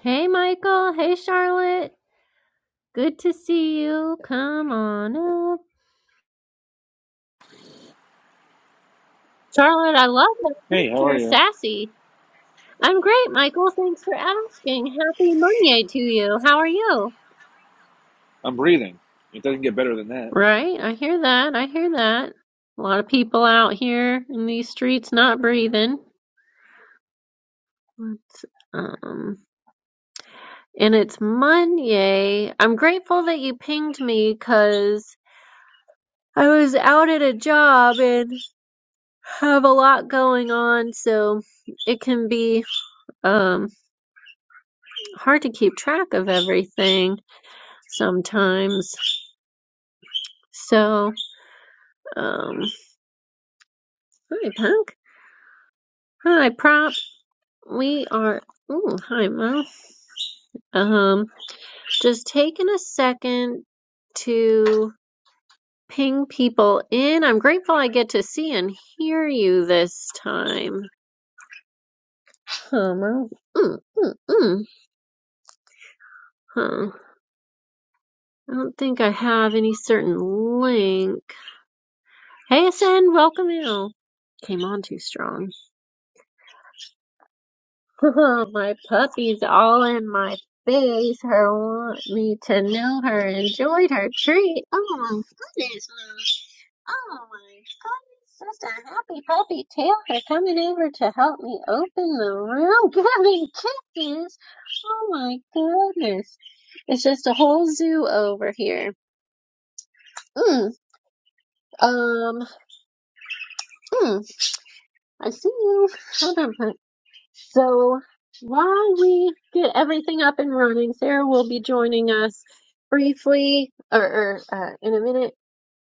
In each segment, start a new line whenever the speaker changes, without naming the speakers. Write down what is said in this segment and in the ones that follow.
Hey, Michael. Hey, Charlotte. Good to see you. Come on up. Charlotte, I love that
Hey, how
picture.
are you?
Sassy. I'm great, Michael. Thanks for asking. Happy Monday to you. How are you?
I'm breathing. It doesn't get better than that.
Right. I hear that. I hear that. A lot of people out here in these streets not breathing. Let's, um, and it's Monday. I'm grateful that you pinged me because I was out at a job and. have a lot going on, so it can be um, hard to keep track of everything sometimes. So, um, hi Punk, hi Prop. We are. Ooh, hi Mo. Um, just taking a second to ping people in. I'm grateful I get to see and hear you this time. Huh, Mo. Mm, mm, mm. Huh. I don't think I have any certain link. Hey Sin, welcome you. Came on too strong. my puppy's all in my face. Her want me to know her, enjoyed her treat. Oh my goodness, Mom. Oh my goodness, just a happy puppy tail for coming over to help me open the room, giving kisses. Oh my goodness. It's just a whole zoo over here. Mm, um, mm, I see you. Hold on, So while we get everything up and running, Sarah will be joining us briefly or, or uh, in a minute.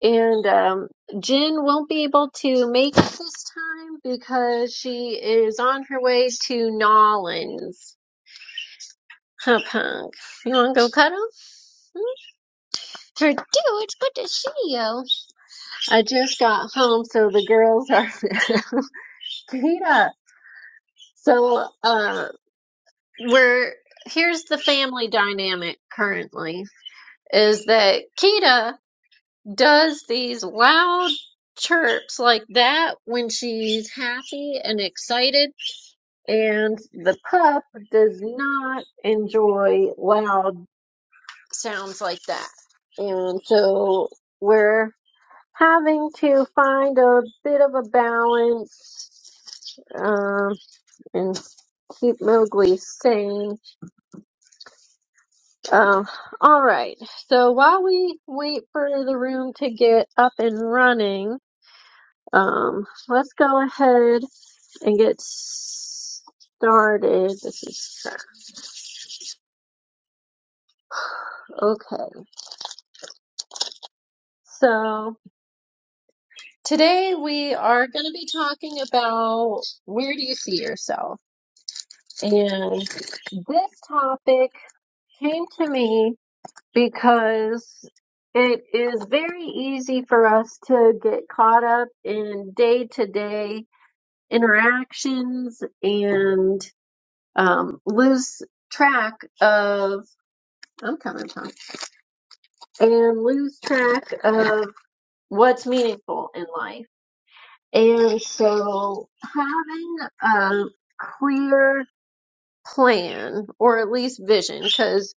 And um, Jen won't be able to make it this time because she is on her way to Nollins. Huh, punk? You want to go cuddle? Hmm? Her dude, it's good to see you. I just got home, so the girls are beat up. So, uh, we're here's the family dynamic currently is that Kita does these loud chirps like that when she's happy and excited, and the pup does not enjoy loud sounds like that. And so we're having to find a bit of a balance um, and keep Mowgli sane Um, all right. So while we wait for the room to get up and running, um, let's go ahead and get started. This is okay. So today we are going to be talking about where do you see yourself? And this topic came to me because it is very easy for us to get caught up in day to day interactions and um, lose track of I'm coming Tom and lose track of what's meaningful in life. And so having a clear plan or at least vision because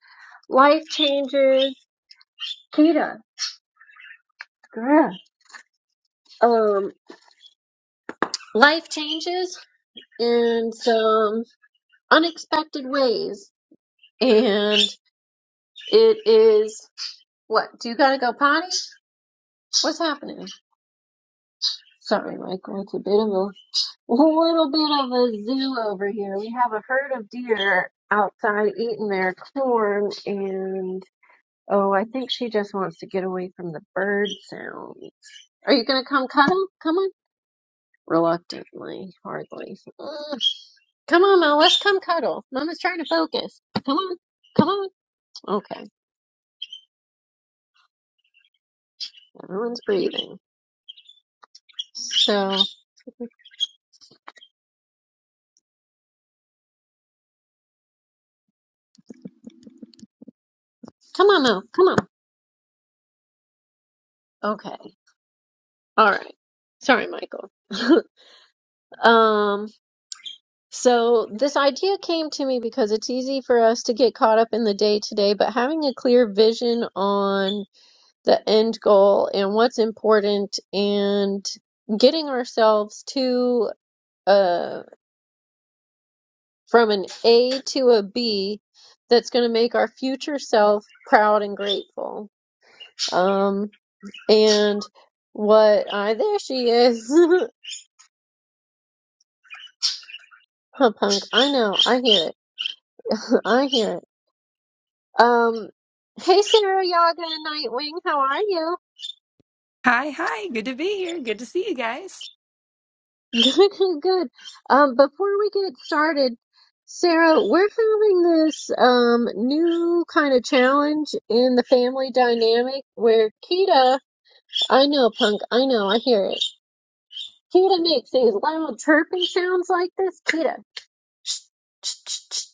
life changes Kita girl. um life changes in some unexpected ways and it is what do you gotta go potty What's happening? Sorry, Michael. It's a bit of a, a little bit of a zoo over here. We have a herd of deer outside eating their corn, and oh, I think she just wants to get away from the bird sound. Are you gonna come cuddle? Come on. Reluctantly, hardly. Ugh. Come on, Mel. Let's come cuddle. Mama's trying to focus. Come on. Come on. Okay. Everyone's breathing. So, come on, Mel. Come on. Okay. All right. Sorry, Michael. Um, so this idea came to me because it's easy for us to get caught up in the day to day, but having a clear vision on the end goal and what's important and getting ourselves to uh from an A to a B that's going to make our future self proud and grateful. Um, and what I there she is. Huh, punk. I know. I hear it. I hear it. Um, hey, Sarah Yaga and Nightwing, how are you?
Hi, hi. Good to be here. Good to see you guys.
Good, good, good. Um, before we get started, Sarah, we're having this um new kind of challenge in the family dynamic where Kita, I know, Punk, I know, I hear it. Kita makes these loud chirping sounds like this, Kita,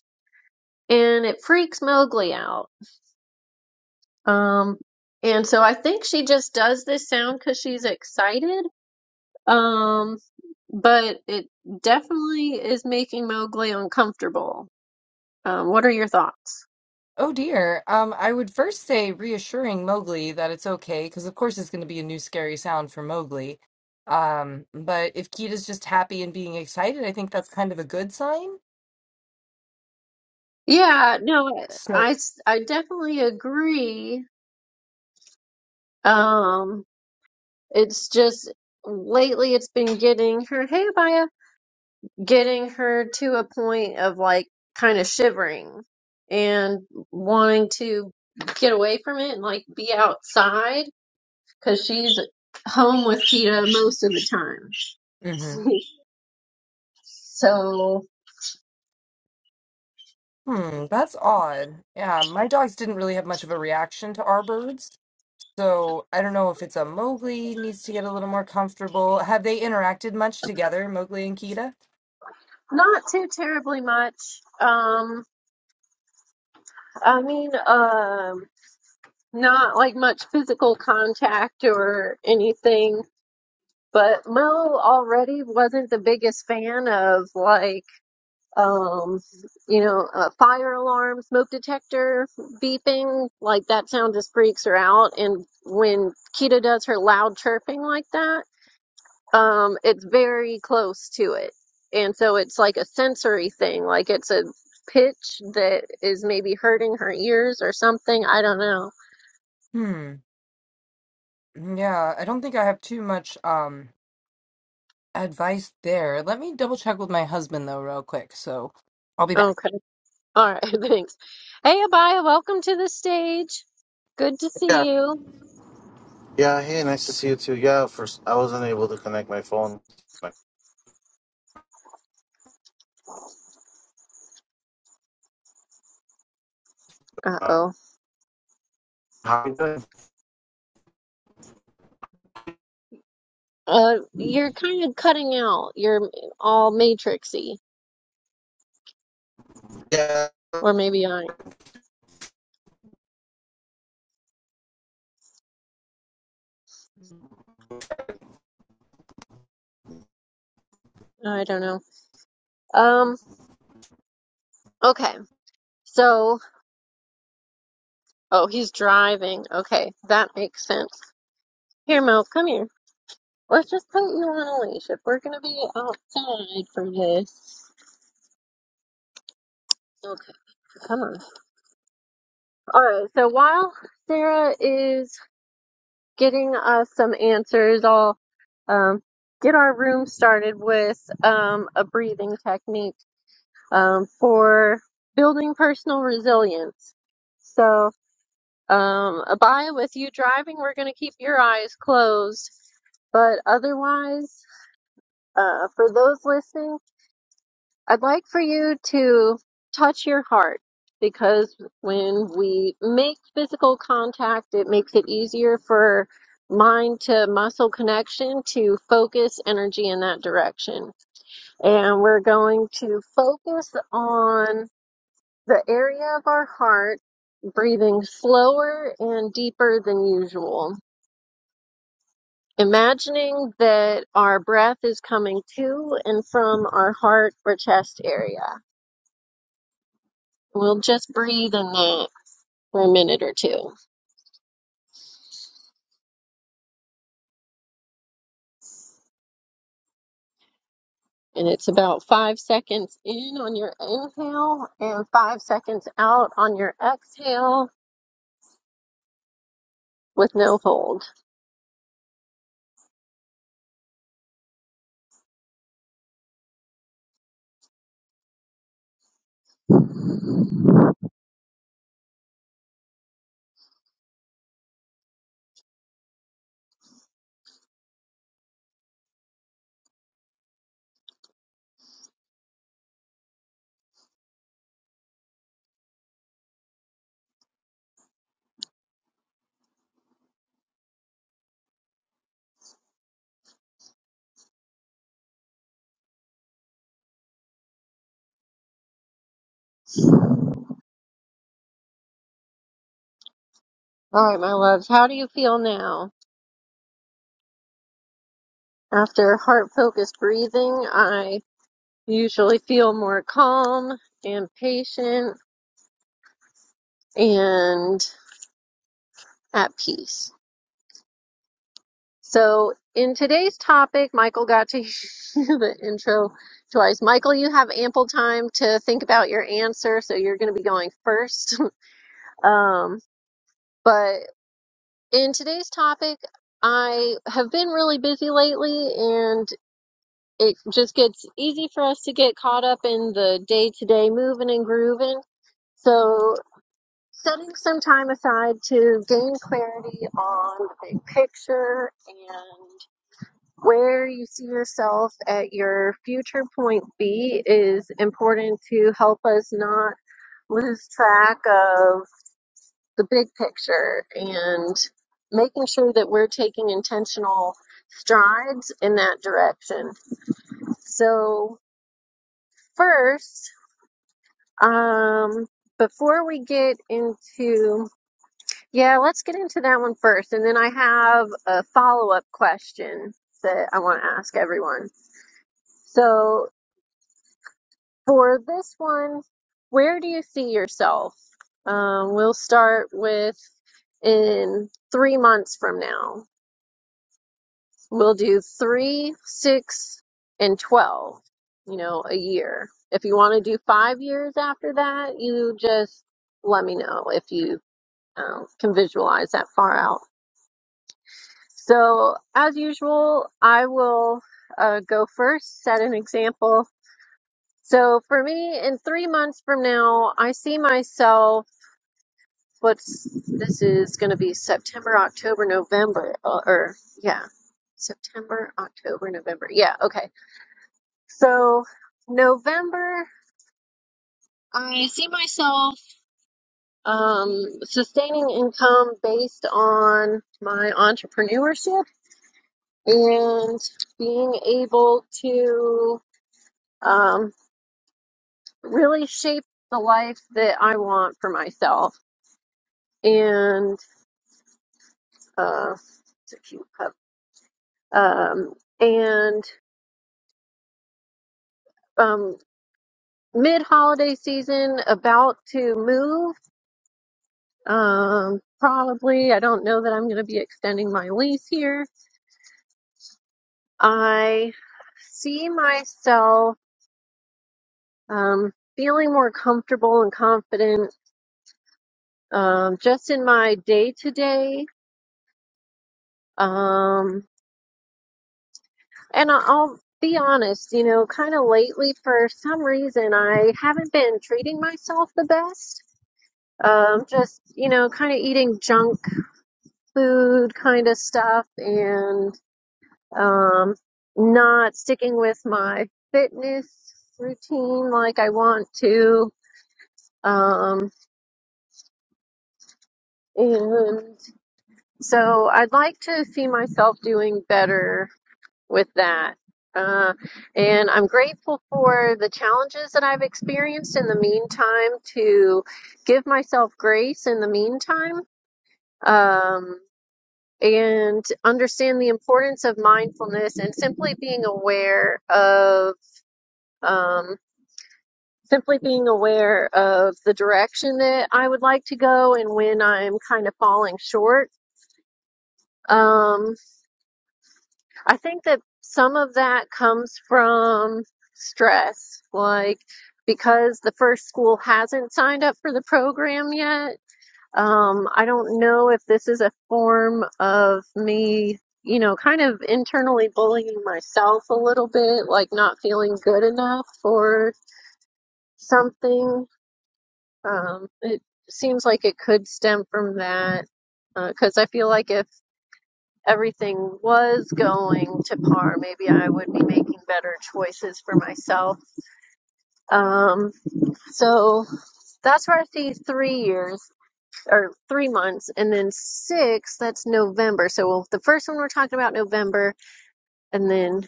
and it freaks Mowgli out. Um, and so I think she just does this sound because she's excited Um, but it definitely is making Mowgli uncomfortable. Um, what are your thoughts?
Oh dear. Um, I would first say reassuring Mowgli that it's okay, because of course it's going to be a new scary sound for Mowgli. Um, but if Kita's just happy and being excited, I think that's kind of a good sign.
Yeah, no,
So,
I, s- I definitely agree. Um, it's just lately it's been getting her, hey, Abaya, getting her to a point of like kind of shivering and wanting to get away from it and like be outside because she's home with Cheetah most of the
hmm
time. So
hmm, that's odd. Yeah, my dogs didn't really have much of a reaction to our birds, so I don't know if it's a Mowgli needs to get a little more comfortable. Have they interacted much together, Mowgli and Kita?
not too terribly much. Um, I mean, um, not like much physical contact or anything. But Mo already wasn't the biggest fan of like, um, you know, a fire alarm, smoke detector beeping. Like that sound just freaks her out. And when Kita does her loud chirping like that. Um, it's very close to it. And so it's like a sensory thing, like it's a pitch that is maybe hurting her ears or something. I don't know.
Hmm. Yeah, I don't think I have too much um advice there. Let me double check with my husband though, real quick. So I'll be back.
Okay. All right. Thanks. Hey, Abaya, welcome to the stage. Good to
Yeah,
see you.
yeah. Hey, nice to see you too. Yeah, first I wasn't able to connect my phone. How
Uh-oh.
are you doing?
Uh, you're kind of cutting out. You're all matrixy,
Yeah,
or maybe I, I don't know. Um, okay. So, oh, he's driving. Okay, that makes sense. Here, Mel, come here. Let's just put you on a leash. If we're gonna be outside for this, okay, come on. All right. So while Sarah is getting us some answers, I'll um, get our room started with um, a breathing technique um, for building personal resilience. So, um, Abaya, with you driving, we're going to keep your eyes closed. But otherwise, uh, for those listening. I'd like for you to touch your heart because when we make physical contact, it makes it easier for mind to muscle connection to focus energy in that direction. And we're going to focus on the area of our heart, breathing slower and deeper than usual. Imagining that our breath is coming to and from our heart or chest area. We'll just breathe in that. for a minute or two. And it's about five seconds in on your inhale and five seconds out on your exhale with no hold. All right, my loves, how do you feel now? After heart focused breathing, I usually feel more calm and patient and at peace. So, in today's topic, Michael got to hear the intro twice. Michael, you have ample time to think about your answer, so you're going to be going first. Um, but in today's topic, I have been really busy lately, and it just gets easy for us to get caught up in the day to day moving and grooving. So, setting some time aside to gain clarity on the big picture and where you see yourself at your future point B is important to help us not lose track of the big picture and making sure that we're taking intentional strides in that direction. So, first, um, before we get into, yeah, let's get into that one first. And then I have a follow up question that I want to ask everyone. So, for this one, where do you see yourself? Um, we'll start with in three months from now. We'll do three, six, and 12, you know, a year. If you want to do five years after that, you just let me know if you um, can visualize that far out. So, as usual, I will uh, go first, set an example. So, for me, in three months from now, I see myself what's this is going to be September, October, November, uh, or yeah, September, October, November. Yeah, okay. So November, I see myself um, sustaining income based on my entrepreneurship and being able to um, really shape the life that I want for myself. And uh, it's a cute pup. Um, and um, mid holiday season, about to move. Um, probably, I don't know that I'm going to be extending my lease here I see myself um, feeling more comfortable and confident um, just in my day to day. Um, and I- I'll be honest, you know, kind of lately for some reason I haven't been treating myself the best. Um, just, you know, kind of eating junk food kind of stuff and um, not sticking with my fitness routine like I want to. Um, And so I'd like to see myself doing better with that. Uh, and I'm grateful for the challenges that I've experienced in the meantime to give myself grace in the meantime. Um, and understand the importance of mindfulness and simply being aware of, um, simply being aware of the direction that I would like to go and when I'm kind of falling short. Um, I think that some of that comes from stress, like because the first school hasn't signed up for the program yet. Um, I don't know if this is a form of me, you know, kind of internally bullying myself a little bit, like not feeling good enough for something. Um, it seems like it could stem from that because uh, I feel like if everything was going to par, maybe I would be making better choices for myself. Um, so that's where I see three years or three months, and then six, that's November. So well, the first one we're talking about November, and then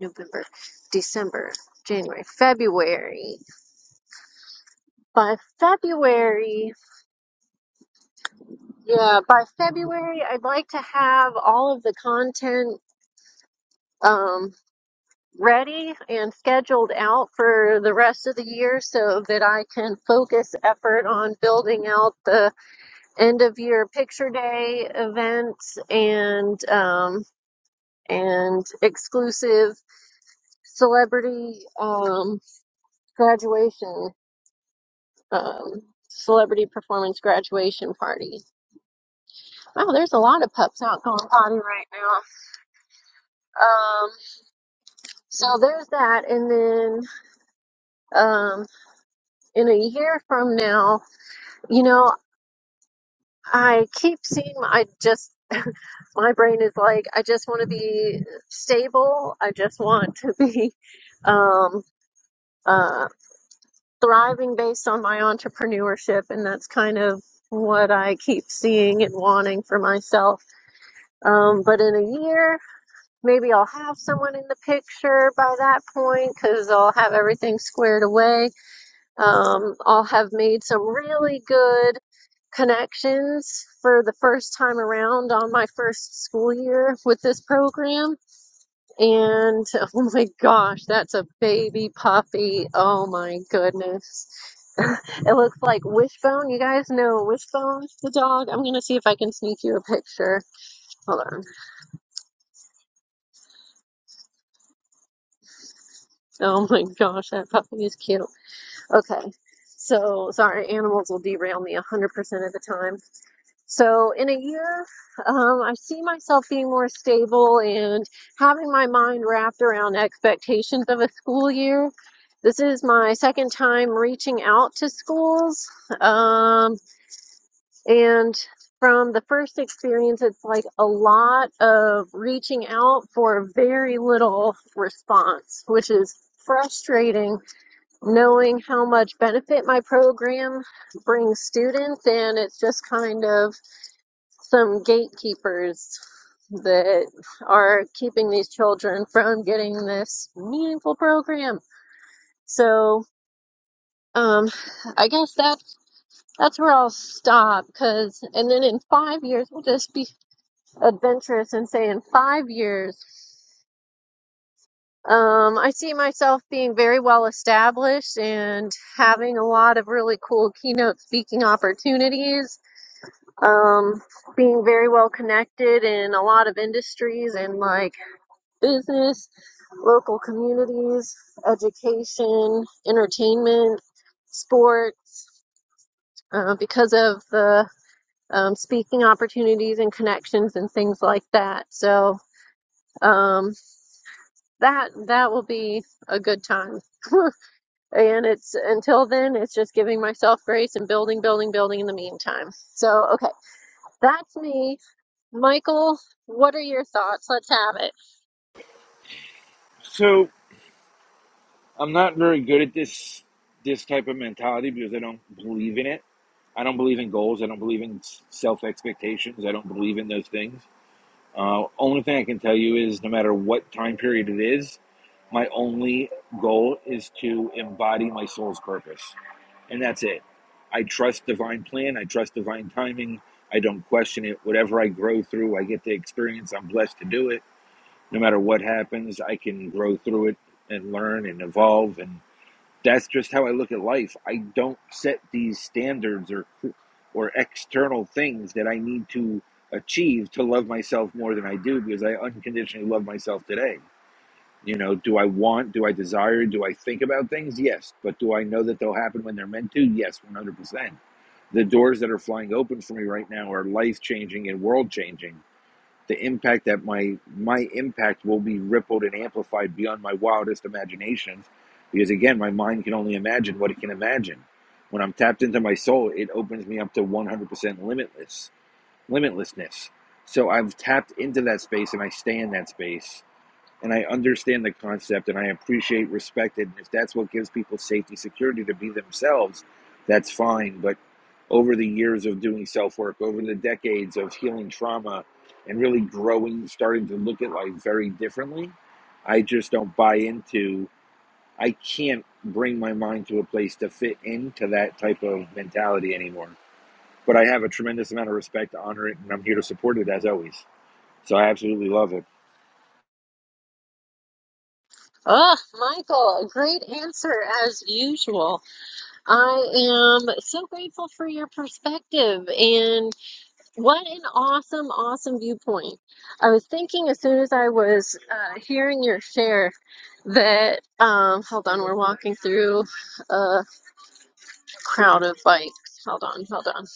November, December. January, February. By February, yeah, by February, I'd like to have all of the content. Um, ready and scheduled out for the rest of the year so that I can focus effort on building out the end of year picture day events and um, and exclusive celebrity um, graduation um, celebrity performance graduation party. Wow, there's a lot of pups out going potty right now. Um, so there's that, and then um, in a year from now. You know, I keep seeing, I just, my brain is like, I just want to be stable. I just want to be um, uh, thriving based on my entrepreneurship. And that's kind of what I keep seeing and wanting for myself. Um, but in a year, maybe I'll have someone in the picture by that point because I'll have everything squared away. Um, I'll have made some really good connections for the first time around on my first school year with this program. And oh my gosh, that's a baby puppy. Oh my goodness. it looks like Wishbone. You guys know Wishbone, the dog. I'm going to see if I can sneak you a picture. Hold on. Oh my gosh, that puppy is cute. Okay. So, sorry, animals will derail me 100% of the time. So in a year, um, I see myself being more stable and having my mind wrapped around expectations of a school year. This is my second time reaching out to schools. Um, and from the first experience, it's like a lot of reaching out for very little response, which is frustrating knowing how much benefit my program brings students. And it's just kind of some gatekeepers that are keeping these children from getting this meaningful program. So, um, I guess that that's where I'll stop. Cause, and then in five years, we'll just be adventurous and say in five years, um, I see myself being very well established and having a lot of really cool keynote speaking opportunities. Um, being very well connected in a lot of industries and like business, local communities, education, entertainment, sports, uh, because of the um, speaking opportunities and connections and things like that. So um, that that will be a good time. and it's until then, it's just giving myself grace and building, building, building in the meantime. So okay, that's me, Michael. What are your thoughts? Let's have it.
So I'm not very good at this this type of mentality because I don't believe in it. I don't believe in goals. I don't believe in self expectations. I don't believe in those things. Uh, only thing I can tell you is no matter what time period it is, my only goal is to embody my soul's purpose, and that's it. I trust divine plan. I trust divine timing. I don't question it. Whatever I grow through, I get to experience. I'm blessed to do it no matter what happens, I can grow through it and learn and evolve. And that's just how I look at life. I don't set these standards or or external things that I need to achieve to love myself more than I do because I unconditionally love myself today. You know, do I want, do I desire, do I think about things? Yes. But do I know that they'll happen when they're meant to? Yes, 100%. The doors that are flying open for me right now are life changing and world changing the impact that my my impact will be rippled and amplified beyond my wildest imaginations because again my mind can only imagine what it can imagine when i'm tapped into my soul it opens me up to 100% limitless limitlessness so i've tapped into that space and i stay in that space and I understand the concept and I appreciate respect it. And if that's what gives people safety, security to be themselves, that's fine. But over the years of doing self work, over the decades of healing trauma and really growing, starting to look at life very differently, I just don't buy into, I can't bring my mind to a place to fit into that type of mentality anymore. But I have a tremendous amount of respect, to honor it, and I'm here to support it as always. So I absolutely love it.
Oh, Michael, great answer as usual. I am so grateful for your perspective and what an awesome, awesome viewpoint. I was thinking as soon as I was uh, hearing your share that, um, hold on, we're walking through a crowd of bikes. Hold on, hold on.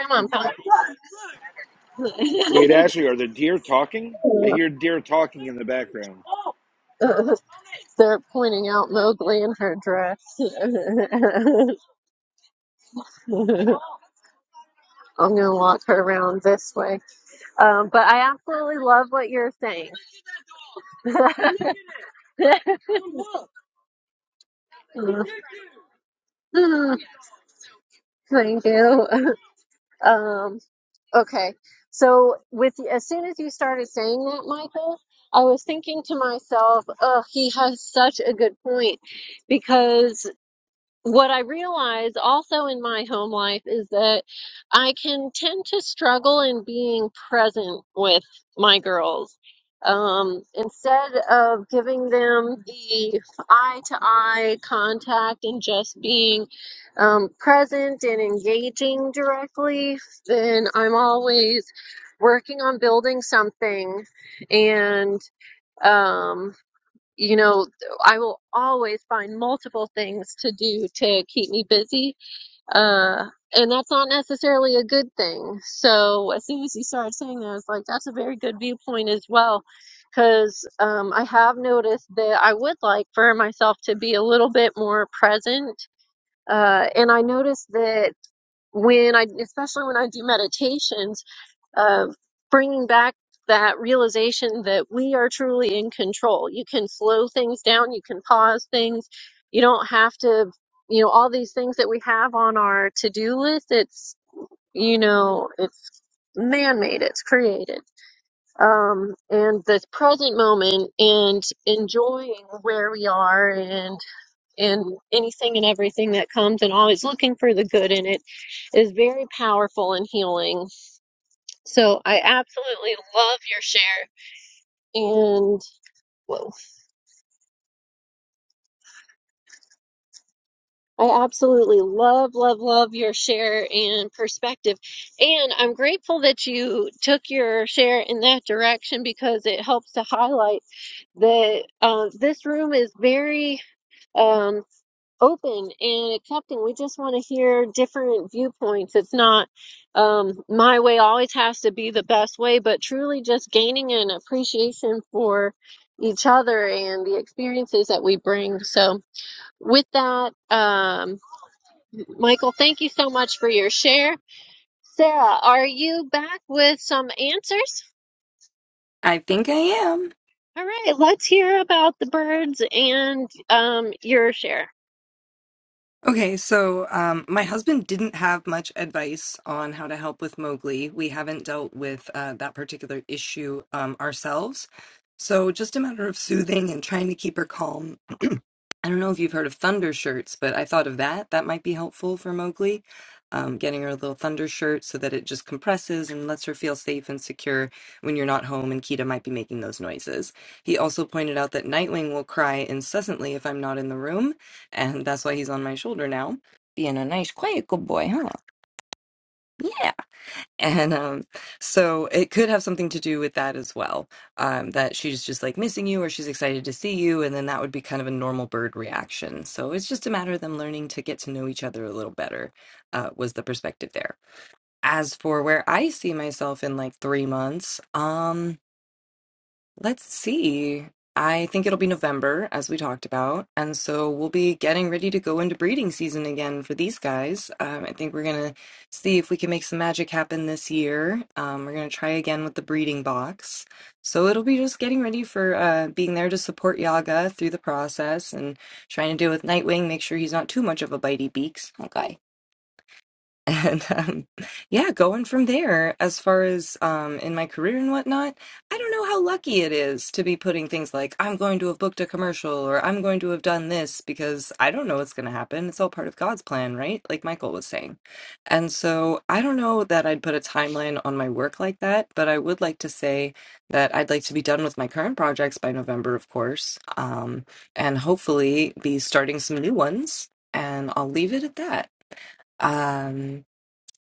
Come on, come
Wait, Ashley, are the deer talking? I hear deer talking in the background.
Pop. They're pointing out Mowgli in her dress. I'm gonna walk her around this way. Um, but I absolutely love what you're saying. Mm, Thank you. Um, okay. So with as soon as you started saying that, Michael, I was thinking to myself, oh, he has such a good point because what I realize also in my home life is that I can tend to struggle in being present with my girls. Um, instead of giving them the eye to eye contact and just being um, present and engaging directly, then I'm always working on building something and. um, you know, I will always find multiple things to do to keep me busy. Uh, and that's not necessarily a good thing. So as soon as you started saying that, I was like, that's a very good viewpoint as well. Because um, I have noticed that I would like for myself to be a little bit more present. Uh, and I noticed that when I, especially when I do meditations, of bringing back that realization that we are truly in control. You can slow things down, you can pause things. You don't have to, you know, all these things that we have on our to-do list, it's, you know, it's man-made, it's created. Um, and this present moment and enjoying where we are and and anything and everything that comes and always looking for the good in it is very powerful and healing so I absolutely love your share and whoa, I absolutely love, love, love your share and perspective. And I'm grateful that you took your share in that direction because it helps to highlight that uh, this room is very um, open and accepting. We just want to hear different viewpoints. It's not um, my way always has to be the best way, but truly just gaining an appreciation for each other and the experiences that we bring. So, with that, um, Michael, thank you so much for your share. Sarah, are you back with some answers?
I think I am.
All right, let's hear about the birds and um, your share.
Okay, so um, my husband didn't have much advice on how to help with Mowgli. We haven't dealt with uh, that particular issue um, ourselves. So, just a matter of soothing and trying to keep her calm I don't know if you've heard of thunder shirts, but I thought of that. That might be helpful for Mowgli, um, getting her a little thunder shirt so that it just compresses and lets her feel safe and secure when you're not home and Kita might be making those noises. He also pointed out that Nightwing will cry incessantly if I'm not in the room, and that's why he's on my shoulder now. Being a nice, quiet, good boy, huh? Yeah. And um, so it could have something to do with that as well. Um, that she's just like missing you or she's excited to see you. And then that would be kind of a normal bird reaction. So it's just a matter of them learning to get to know each other a little better, uh, was the perspective there. As for where I see myself in like three months, um, Let's see. I think it'll be November, as we talked about. And so we'll be getting ready to go into breeding season again for these guys. Um, I think we're going to see if we can make some magic happen this year. Um, we're going to try again with the breeding box. So it'll be just getting ready for uh, being there to support Yaga through the process and trying to deal with Nightwing, make sure he's not too much of a bitey beaks. Okay. and um, yeah, going from there as far as um, in my career and whatnot, I don't know how lucky it is to be putting things like, I'm going to have booked a commercial or I'm going to have done this because I don't know what's going to happen. It's all part of God's plan, right? Like Michael was saying. And so I don't know that I'd put a timeline on my work like that, but I would like to say that I'd like to be done with my current projects by November, of course, um, and hopefully be starting some new ones. And I'll leave it at that. Um,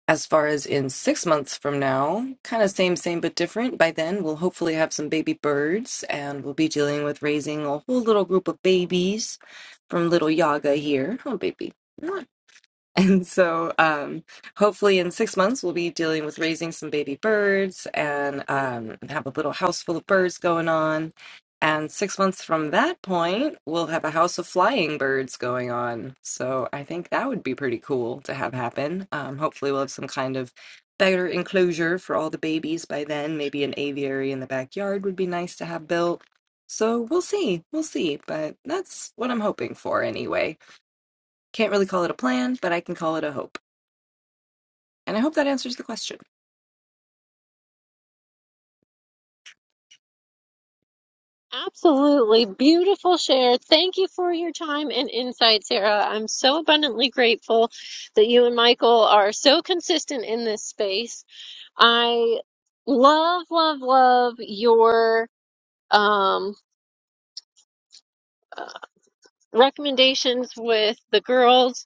as far as in six months from now, kind of same, same, but different. By then, we'll hopefully have some baby birds and we'll be dealing with raising a whole little group of babies from little Yaga here. Oh, baby. And so, um, hopefully, in six months, we'll be dealing with raising some baby birds and um, have a little house full of birds going on. And six months from that point, we'll have a house of flying birds going on. So, I think that would be pretty cool to have happen. Um, hopefully, we'll have some kind of better enclosure for all the babies by then. Maybe an aviary in the backyard would be nice to have built. So, we'll see. We'll see. But that's what I'm hoping for anyway. Can't really call it a plan, but I can call it a hope. And I hope that answers the question.
Absolutely beautiful share. Thank you for your time and insight, Sarah. I'm so abundantly grateful that you and Michael are so consistent in this space. I love, love, love your um uh, recommendations with the girls.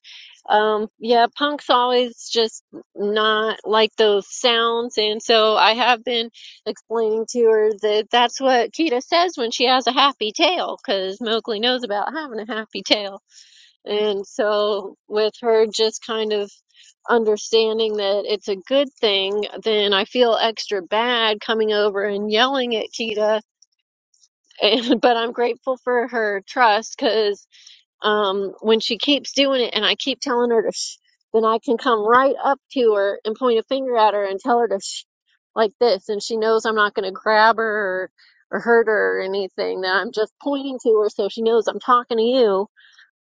Um, yeah, punk's always just not like those sounds. And so I have been explaining to her that that's what Kita says when she has a happy tail, because Mowgli knows about having a happy tail. And so with her just kind of understanding that it's a good thing, then I feel extra bad coming over and yelling at Kita. And, but I'm grateful for her trust because um, when she keeps doing it and I keep telling her to shh, then I can come right up to her and point a finger at her and tell her to shh like this. And she knows I'm not going to grab her or, or hurt her or anything, that I'm just pointing to her so she knows I'm talking to you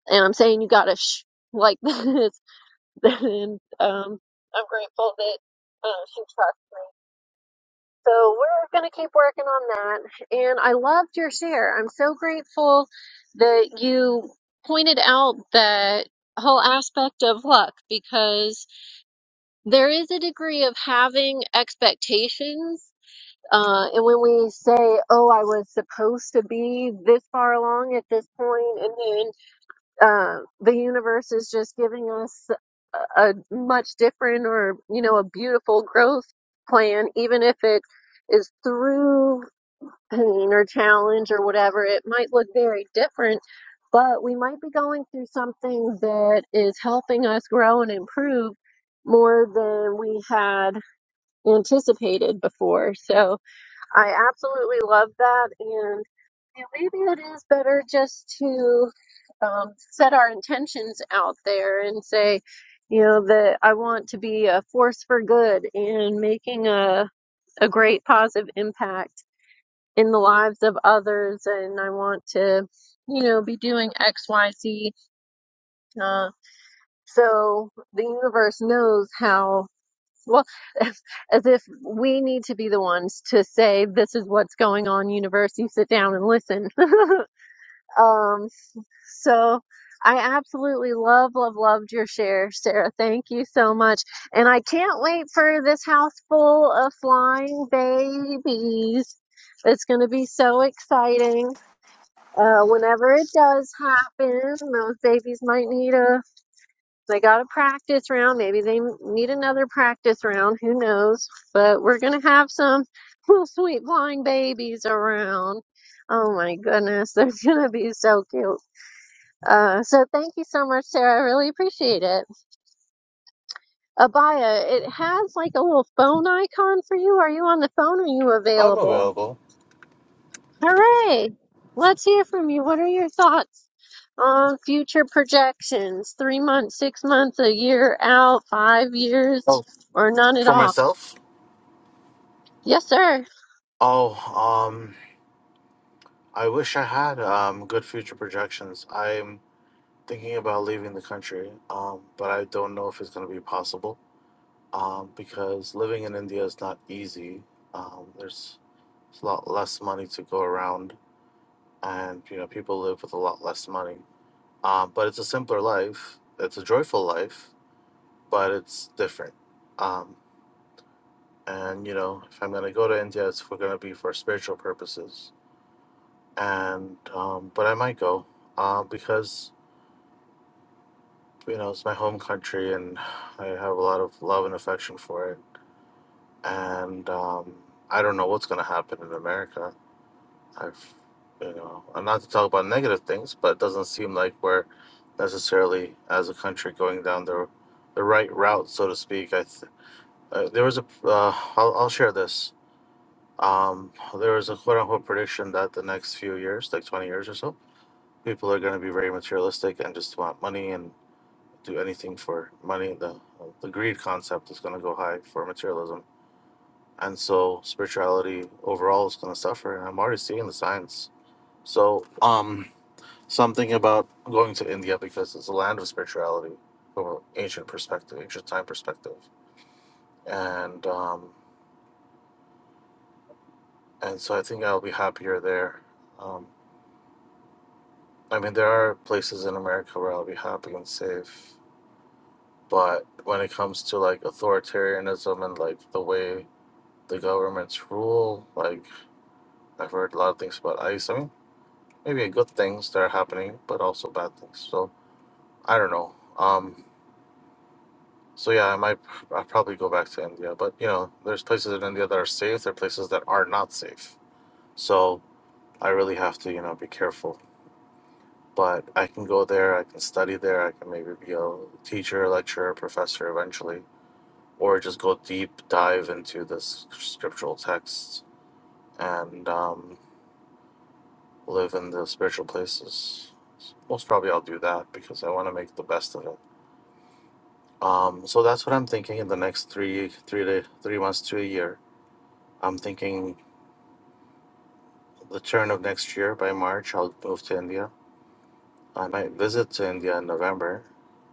and I'm saying you got to shh like this. and um, I'm grateful that uh, she trusts. So we're going to keep working on that. And I loved your share. I'm so grateful that you pointed out that whole aspect of luck because there is a degree of having expectations. Uh, and when we say, oh, I was supposed to be this far along at this point, and then uh, the universe is just giving us a, a much different or you know a beautiful growth plan even if it is through pain or challenge or whatever it might look very different but we might be going through something that is helping us grow and improve more than we had anticipated before so i absolutely love that and maybe it is better just to um, set our intentions out there and say, you know, that I want to be a force for good and making a, a great positive impact in the lives of others. And I want to, you know, be doing X, Y, Z. Uh, so the universe knows how. Well, as if we need to be the ones to say, this is what's going on, universe. You sit down and listen. um, So I absolutely love, love, loved your share, Sarah. Thank you so much. And I can't wait for this house full of flying babies. It's going to be so exciting. Uh, whenever it does happen, those babies might need a, they got a practice round. Maybe they need another practice round. Who knows? But we're going to have some little sweet flying babies around. Oh my goodness. They're going to be so cute. Uh, so thank you so much, Sarah. I really appreciate it. Abaya, it has like a little phone icon for you. Are you on the phone? Are you
I'm
available?
available.
Hooray! Let's hear from you. What are your thoughts on future projections? Three months, six months, a year out, five years,
Oh,
or none at
for
all?
myself?
Yes, sir.
Oh, um, I wish I had um good future projections. I'm thinking about leaving the country, um, but I don't know if it's going to be possible. Um, because living in India is not easy. Um, there's a lot less money to go around, and you know people live with a lot less money. um, but it's a simpler life. It's a joyful life, but it's different. Um, and you know, if I'm gonna go to India, it's for gonna be for spiritual purposes. And um, but I might go uh, because you know it's my home country, and I have a lot of love and affection for it. And um, I don't know what's gonna happen in America. I've you know, and not to talk about negative things, but it doesn't seem like we're necessarily as a country going down the the right route, so to speak. I th- Uh, there was a. Uh, I'll I'll share this. Um, there was a quote unquote prediction that the next few years, like twenty years or so, people are going to be very materialistic and just want money and do anything for money. The the greed concept is going to go high for materialism, and so spirituality overall is going to suffer. And I'm already seeing the signs. So um, something about going to India because it's a land of spirituality from an ancient perspective, ancient time perspective, and um, and so I think I'll be happier there. Um, I mean, there are places in America where I'll be happy and safe, but when it comes to like authoritarianism and like the way the governments rule, like I've heard a lot of things about ICE. I mean, maybe good things that are happening, but also bad things. So I don't know. Um, so yeah, I might I'll probably go back to India, but you know, there's places in India that are safe. There are places that are not safe. So I really have to you know be careful but I can go there, I can study there, I can maybe be a teacher, lecturer, professor eventually, or just go deep dive into this scriptural texts and um, live in the spiritual places. Most probably I'll do that because I want to make the best of it. Um, so that's what I'm thinking in the next three, three to three months to a year. I'm thinking the turn of next year by March, I'll move to India. I might visit to India in November,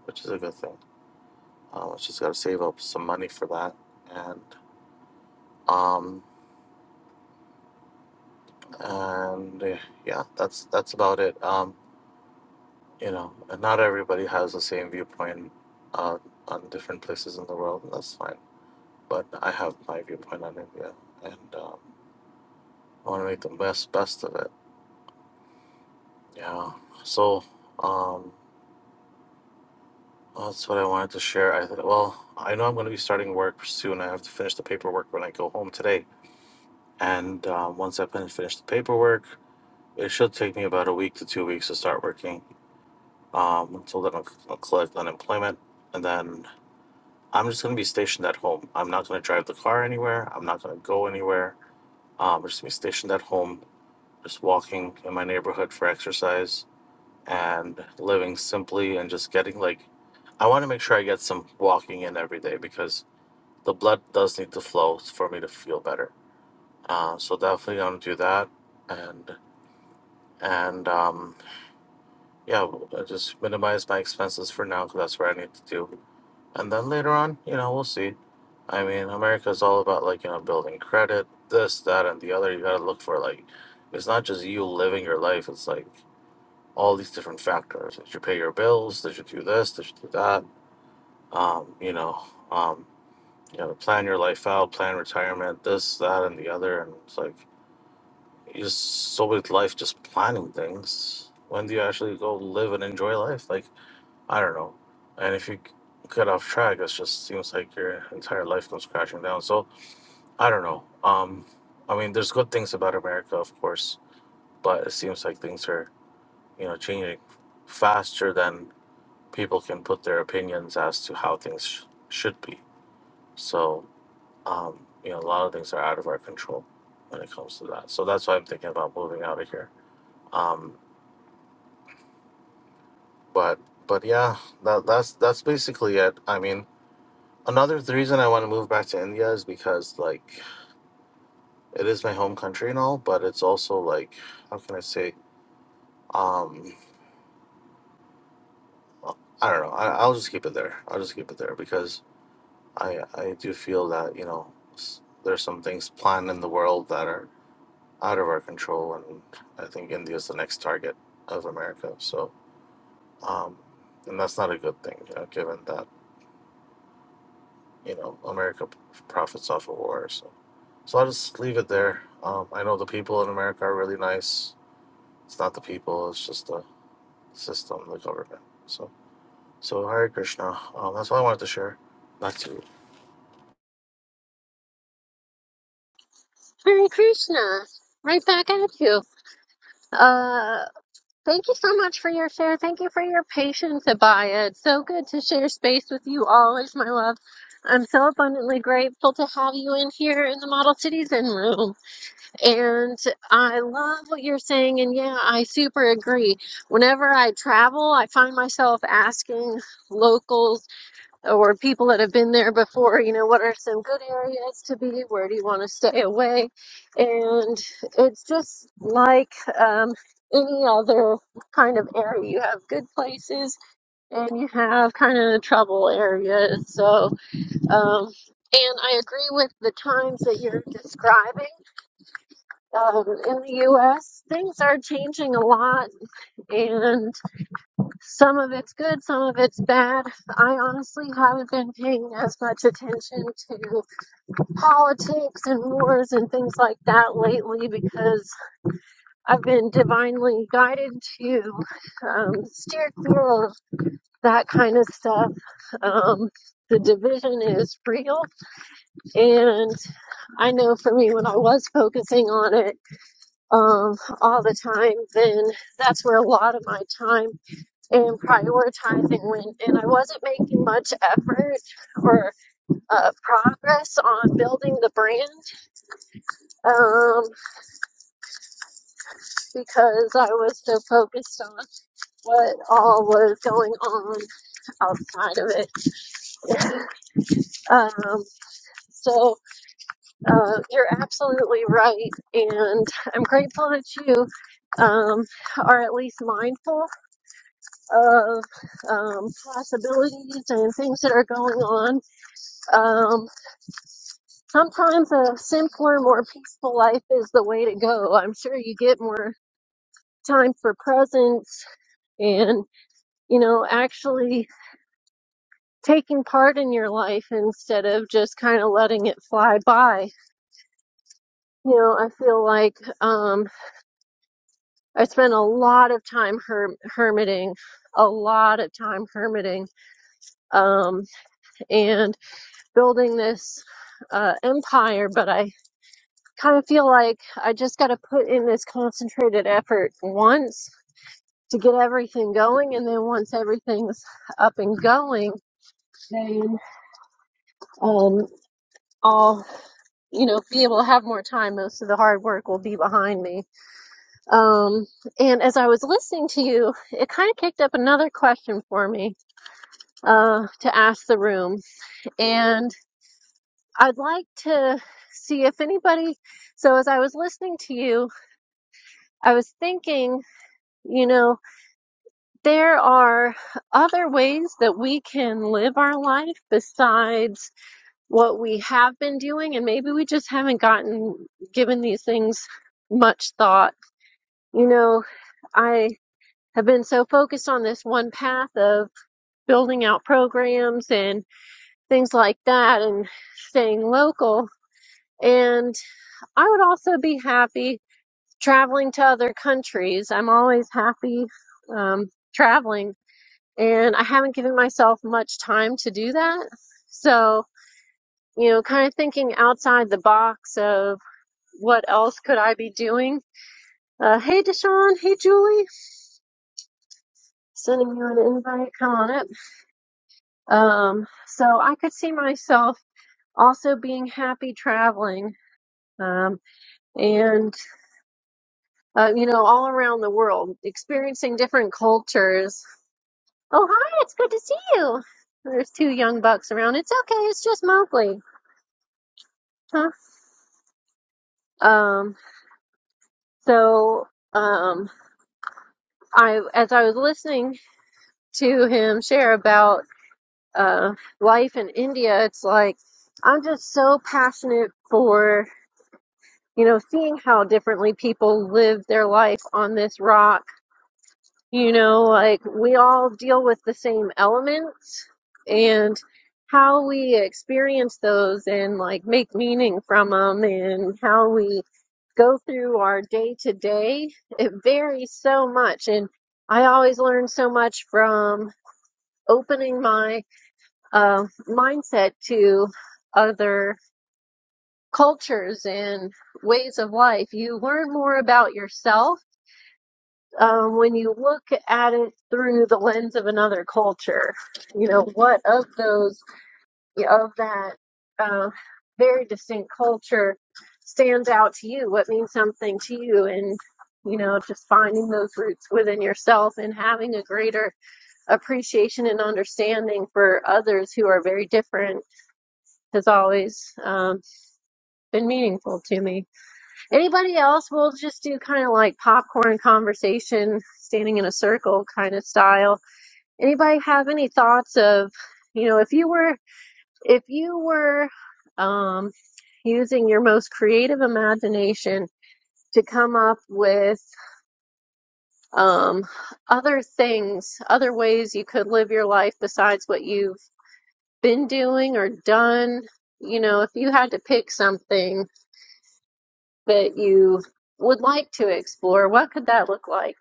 which is a good thing Uh, she's got to save up some money for that, and um, and eh, yeah, that's that's about it. Um, you know, and not everybody has the same viewpoint uh, on different places in the world, and that's fine. But I have my viewpoint on India, and um, I want to make the best best of it. Yeah. So um, that's what I wanted to share. I thought, well, I know I'm going to be starting work soon. I have to finish the paperwork when I go home today, and um, once I finish finish the paperwork. It should take me about a week to two weeks to start working. Um, until then, I'll, I'll collect unemployment, and then I'm just gonna be stationed at home. I'm not gonna drive the car anywhere. I'm not gonna go anywhere. Um, I'm just gonna be stationed at home, just walking in my neighborhood for exercise and living simply and just getting like, I want to make sure I get some walking in every day because the blood does need to flow for me to feel better. Uh, so definitely gonna do that, and and um. yeah, well, I just minimize my expenses for now because that's what I need to do. And then later on, you know, we'll see. I mean, America is all about like, you know, building credit, this, that, and the other. You got to look for like, it's not just you living your life, it's like all these different factors. Did you pay your bills? Did you do this? Did you do that? Um, you know, um, you know, plan your life out, plan retirement, this, that, and the other. And it's like, you just so with life, just planning things. When do you actually go live and enjoy life? Like, I don't know. And if you get off track, it just seems like your entire life comes crashing down. So I don't know. Um, I mean, there's good things about America, of course, but it seems like things are, you know, changing faster than people can put their opinions as to how things sh- should be. So, um, you know, a lot of things are out of our control when it comes to that. So that's why I'm thinking about moving out of here. Um, but but yeah, that, that's that's basically it. I mean, another the reason I want to move back to India is because like it is my home country and all, but it's also like how can I say um I don't know I, I'll just keep it there I'll just keep it there because I I do feel that you know s- there's some things planned in the world that are out of our control and I think India is the next target of America so um and that's not a good thing you know given that you know America p- profits off of war So. So I'll just leave it there. Um, I know the people in America are really nice. It's not the people, it's just the system, the government. So, so Hare Krishna. Um, that's all I wanted to share. Back to you.
Hare Krishna. Right back at you. Uh, Thank you so much for your share. Thank you for your patience, Abaya. It's so good to share space with you always, my love. I'm so abundantly grateful to have you in here in the Model Citizen room. And I love what you're saying. And yeah, I super agree. Whenever I travel, I find myself asking locals or people that have been there before, you know, what are some good areas to be? Where do you want to stay away? And it's just like um, any other kind of area. You have good places and you have kind of trouble areas. So, um, and I agree with the times that you're describing. Um, in the US, things are changing a lot, and some of it's good, some of it's bad. I honestly haven't been paying as much attention to politics and wars and things like that lately because I've been divinely guided to um, steer clear of that kind of stuff. Um, the division is real, and I know for me when I was focusing on it um, all the time, then that's where a lot of my time. and prioritizing when and I wasn't making much effort or uh, progress on building the brand um, because I was so focused on what all was going on outside of it. Um, so uh, you're absolutely right, and I'm grateful that you um, are at least mindful of um, possibilities and things that are going on. Um, Sometimes a simpler, more peaceful life is the way to go. I'm sure you get more time for presence and, you know, actually taking part in your life instead of just kind of letting it fly by. You know, I feel like um, I spent a lot of time her- hermiting, a lot of time hermiting um, and building this uh, empire, but I kind of feel like I just got to put in this concentrated effort once to get everything going. And then once everything's up and going, then um, I'll, you know, be able to have more time. Most of the hard work will be behind me. Um, and as I was listening to you, it kind of kicked up another question for me uh, to ask the room. And I'd like to see if anybody, so as I was listening to you, I was thinking, you know, there are other ways that we can live our life besides what we have been doing, and maybe we just haven't gotten given these things much thought. You know, I have been so focused on this one path of building out programs and things like that and staying local. And I would also be happy traveling to other countries. I'm always happy um, traveling, and I haven't given myself much time to do that. So, you know, kind of thinking outside the box of What else could I be doing? Uh, hey, Deshaun. Hey, Julie. Sending you an invite. Come on up. Um, so I could see myself also being happy traveling. Um, and uh, you know, all around the world, experiencing different cultures. Oh, hi! It's good to see you. There's two young bucks around. It's okay. It's just Mowgli. Huh? Um, so um, I, as I was listening to him share about uh, life in India, it's like I'm just so passionate for you know seeing how differently people live their life on this rock. You know, like we all deal with the same elements and how we experience those and like make meaning from them and how we go through our day to day. It varies so much. And I always learn so much from opening my uh, mindset to other cultures and ways of life. You learn more about yourself um, when you look at it through the lens of another culture. You know, what of those, of that uh, very distinct culture stands out to you? What means something to you? And, you know, just finding those roots within yourself and having a greater appreciation and understanding for others who are very different has always um, been meaningful to me. Anybody else? We'll just do kind of like popcorn conversation, standing in a circle kind of style. Anybody have any thoughts of, you know, if you were if you were um, using your most creative imagination to come up with um, other things, other ways you could live your life besides what you've been doing or done you know, if you had to pick something that you would like to explore, what could that look like?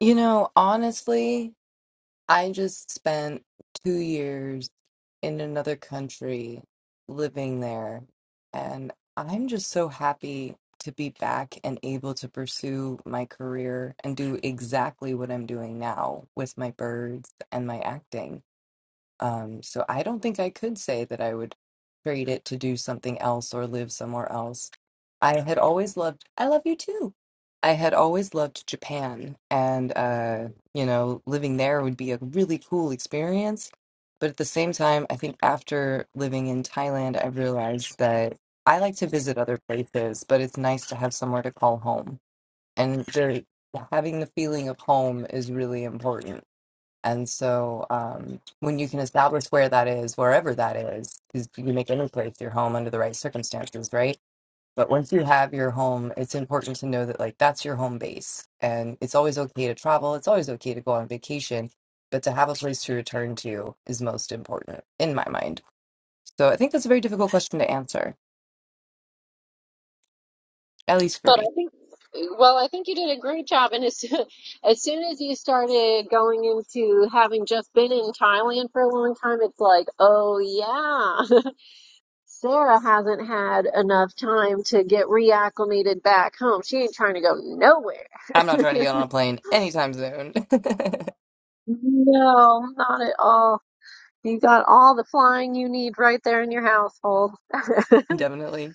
You know, honestly, I just spent two years in another country living there. And I'm just so happy to be back and able to pursue my career and do exactly what I'm doing now with my birds and my acting. Um, so I don't think I could say that I would trade it to do something else or live somewhere else. I had always loved, I love you too. I had always loved Japan, and uh, you know, living there would be a really cool experience. But at the same time, I think after living in Thailand, I realized that I like to visit other places, but it's nice to have somewhere to call home. And the, having the feeling of home is really important and so um, when you can establish where that is, wherever that is, because you make any place your home under the right circumstances, right? But once you have your home, it's important to know that like that's your home base. And it's always okay to travel. It's always okay to go on vacation, but to have a place to return to is most important in my mind. So I think that's a very difficult question to answer, at least for
But
me.
I think, well, I think you did a great job. And as, soo- as soon as you started going into having just been in Thailand for a long time, it's like, oh yeah, Sarah hasn't had enough time to get reacclimated back home. She ain't trying to go
I'm not trying to
nowhere.
get on a plane anytime soon.
No, not at all. You got all the flying you need right there in your household.
Definitely.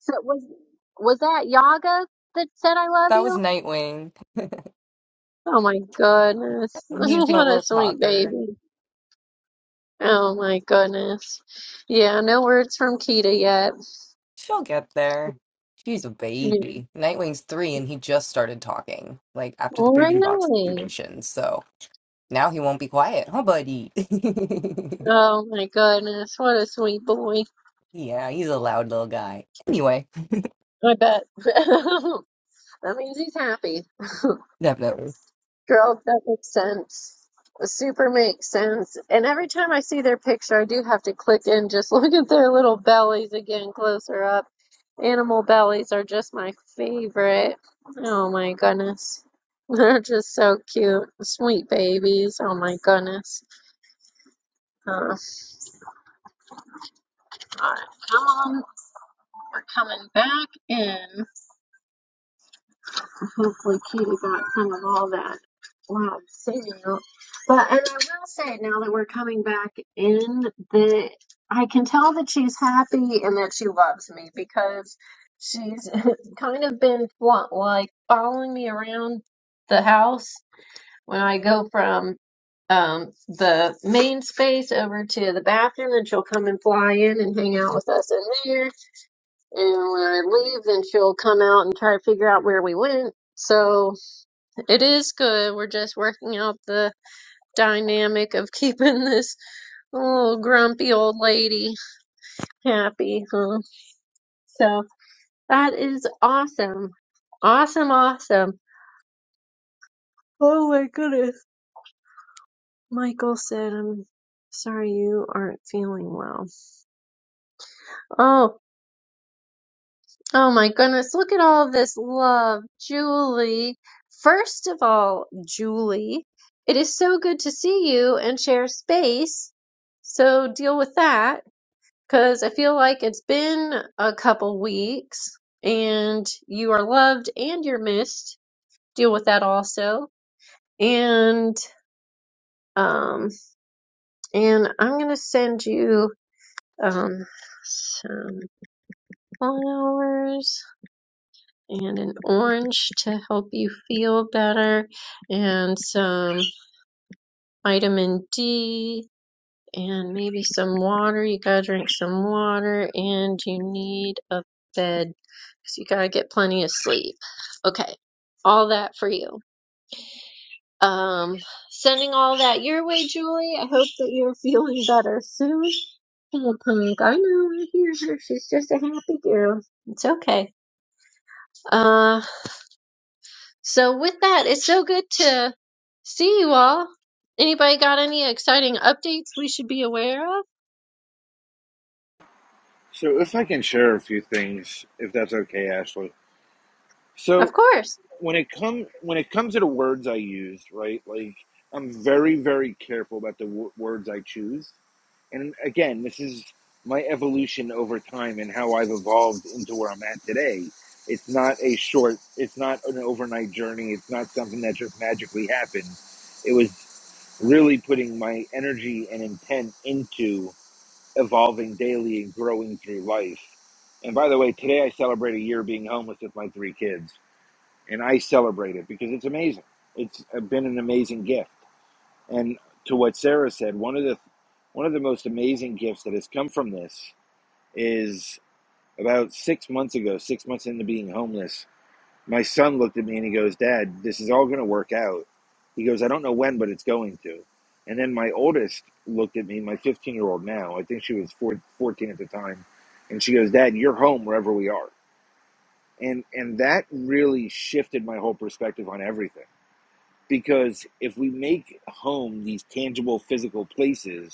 So was was that Yaga that said I love
That was
you?
Nightwing.
Oh my goodness.
He's my
What a
little
sweet
talker.
baby. Oh my goodness. Yeah, no words from Kita yet.
She'll get there. She's a
Yeah.
baby. Nightwing's three, and he just started talking, like after the breeding box
Really?
situation. So now he won't be quiet, huh, buddy?
Oh my goodness. What a sweet boy.
yeah, he's a loud little guy. Anyway,
I bet. That means he's happy.
definitely.
Girls, that makes sense. Super makes sense. And every time I see their picture, I do have to click and just look at their little bellies again closer up. Animal bellies are just my favorite. Oh my goodness. They're just so cute. Sweet babies. Oh my goodness. Uh, all right, come on. We're coming back in. hopefully Katie got some of all that loud signal. But and I will say now that we're coming back in the I can tell that she's happy and that she loves me because she's kind of been what like following me around the house when I go from um the main space over to the bathroom and she'll come and fly in and hang out with us in there and when I leave then she'll come out and try to figure out where we went. So it is good. We're just working out the dynamic of keeping this little grumpy old lady happy, huh? So that is awesome. Awesome, awesome. Oh my goodness. Michael said, I'm sorry you aren't feeling well. Oh, oh my goodness. Look at all this love. Julie. First of all, Julie, it is so good to see you and share space. So deal with that. Because I feel like it's been a couple weeks and you are loved and you're missed. Deal with that also. And um and I'm gonna send you um some flowers and an orange to help you feel better and some vitamin D and maybe some water. You gotta drink some water, and you need a bed because you gotta get plenty of sleep. Okay, all that for you. Um, sending all that your way, Julie. I hope that you're feeling better soon. Little punk, I know, I hear her. She's just a happy girl. It's okay. Uh, so with that, it's so good to see you all. Anybody got any exciting updates we should be aware of?
So if I can share a few things, if that's okay, Ashley.
Of
So
course.
when it come when it comes to the words I use, right? Like I'm very very careful about the w- words I choose And again, this is my evolution over time and how I've evolved into where I'm at today. It's not a short, it's not an overnight journey. It's not something that just magically happened. It was really putting my energy and intent into evolving daily and growing through life. And by the way, today I celebrate a year being homeless with my three kids, and I celebrate it because it's amazing. It's been an amazing gift. And to what Sarah said, one of the one of the most amazing gifts that has come from this is about six months ago, six months into being homeless, my son looked at me and he goes, Dad, this is all gonna work out. He goes, I don't know when, but it's going to. And then my oldest looked at me, my 15 year old now, I think she was four, 14 at the time, and she goes, Dad, you're home wherever we are. And, and that really shifted my whole perspective on everything. Because if we make home these tangible physical places,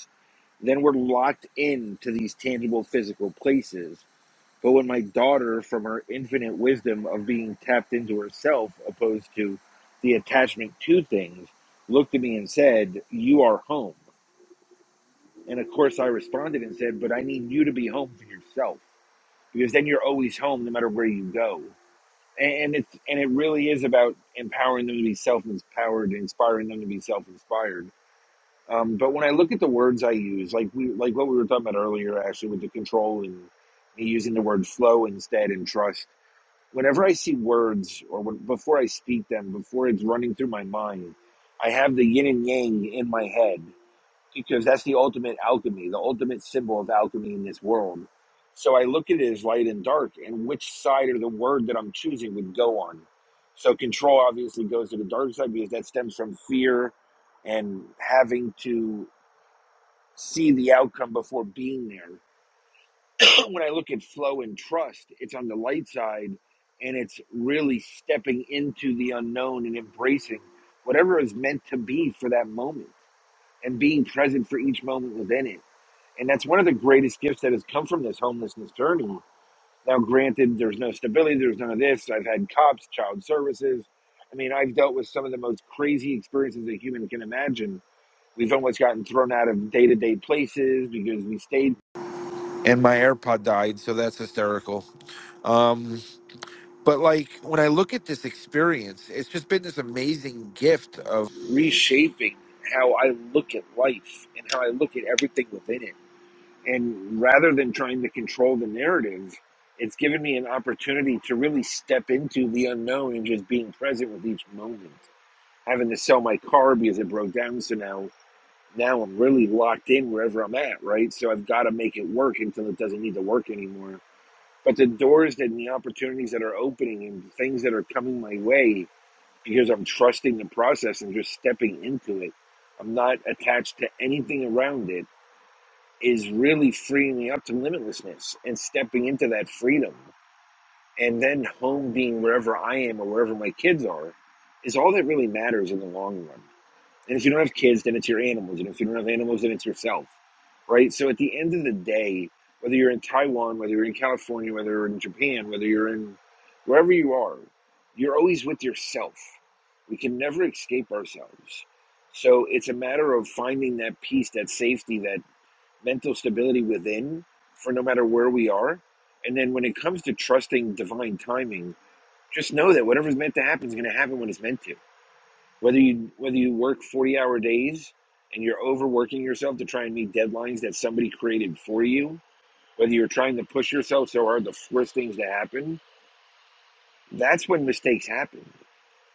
then we're locked into these tangible physical places. But when my daughter, from her infinite wisdom of being tapped into herself opposed to the attachment to things, looked at me and said, You are home. And of course, I responded and said, But I need you to be home for yourself because then you're always home no matter where you go. And it's and it really is about empowering them to be self-empowered, inspiring them to be self-inspired um, but when I look at the words I use, like we like what we were talking about earlier, actually with the control and me using the word flow instead and trust. Whenever I see words or when, before I speak them, before it's running through my mind, I have the yin and yang in my head because that's the ultimate alchemy, the ultimate symbol of alchemy in this world. So I look at it as light and dark, and which side of the word that I'm choosing would go on. So control obviously goes to the dark side because that stems from fear and having to see the outcome before being there. when I look at flow and trust, it's on the light side and it's really stepping into the unknown and embracing whatever is meant to be for that moment and being present for each moment within it. And that's one of the greatest gifts that has come from this homelessness journey. Now, granted, there's no stability, there's none of this. I've had cops, child services. I mean, I've dealt with some of the most crazy experiences a human can imagine. We've almost gotten thrown out of day to day places because we stayed and my AirPod died, so that's hysterical. Um, but like when I look at this experience, it's just been this amazing gift of reshaping how I look at life and how I look at everything within it. And rather than trying to control the narrative, it's given me an opportunity to really step into the unknown and just being present with each moment. Having to sell my car because it broke down, so now now I'm really locked in wherever I'm at, right? So I've got to make it work until it doesn't need to work anymore but the doors that and the opportunities that are opening and things that are coming my way because I'm trusting the process and just stepping into it, I'm not attached to anything around it, is really freeing me up to limitlessness and stepping into that freedom. And then home being wherever I am or wherever my kids are is all that really matters in the long run. And if you don't have kids, then it's your animals. And if you don't have animals, then it's yourself, right? So at the end of the day, whether you're in Taiwan, whether you're in California, whether you're in Japan, whether you're in wherever you are, you're always with yourself. We can never escape ourselves. So it's a matter of finding that peace, that safety, that mental stability within for no matter where we are. And then when it comes to trusting divine timing, just know that whatever's meant to happen is going to happen when it's meant to whether you whether you work 40 hour days and you're overworking yourself to try and meet deadlines that somebody created for you whether you're trying to push yourself so hard to force things to happen that's when mistakes happen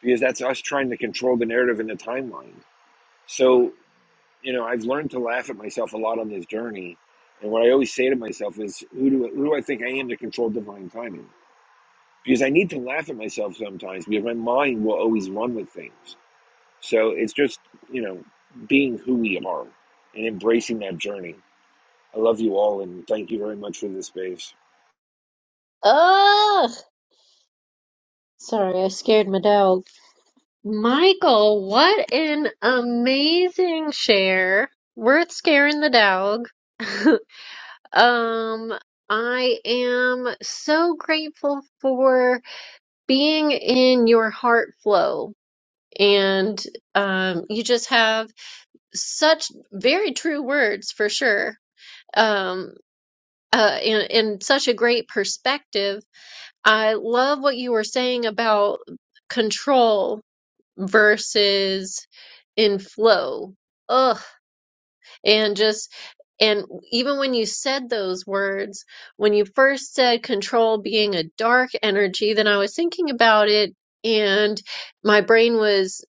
because that's us trying to control the narrative and the timeline so you know i've learned to laugh at myself a lot on this journey and what i always say to myself is who do, who do i think i am to control divine timing because i need to laugh at myself sometimes because my mind will always run with things So it's just, you know, being who we are and embracing that journey. I love you all and thank you very much for this space.
Oh. Sorry, I scared my dog. Michael, what an amazing share. Worth scaring the dog. um, I am so grateful for being in your heart flow. And um, you just have such very true words for sure. Um, uh, and, and such a great perspective. I love what you were saying about control versus in flow. Ugh. And just, and even when you said those words, when you first said control being a dark energy, then I was thinking about it and my brain was,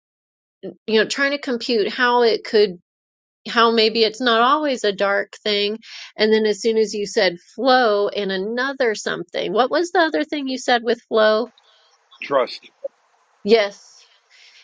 you know, trying to compute how it could, how maybe it's not always a dark thing. And then as soon as you said flow and another something, what was the other thing you said with flow?
Trust.
Yes.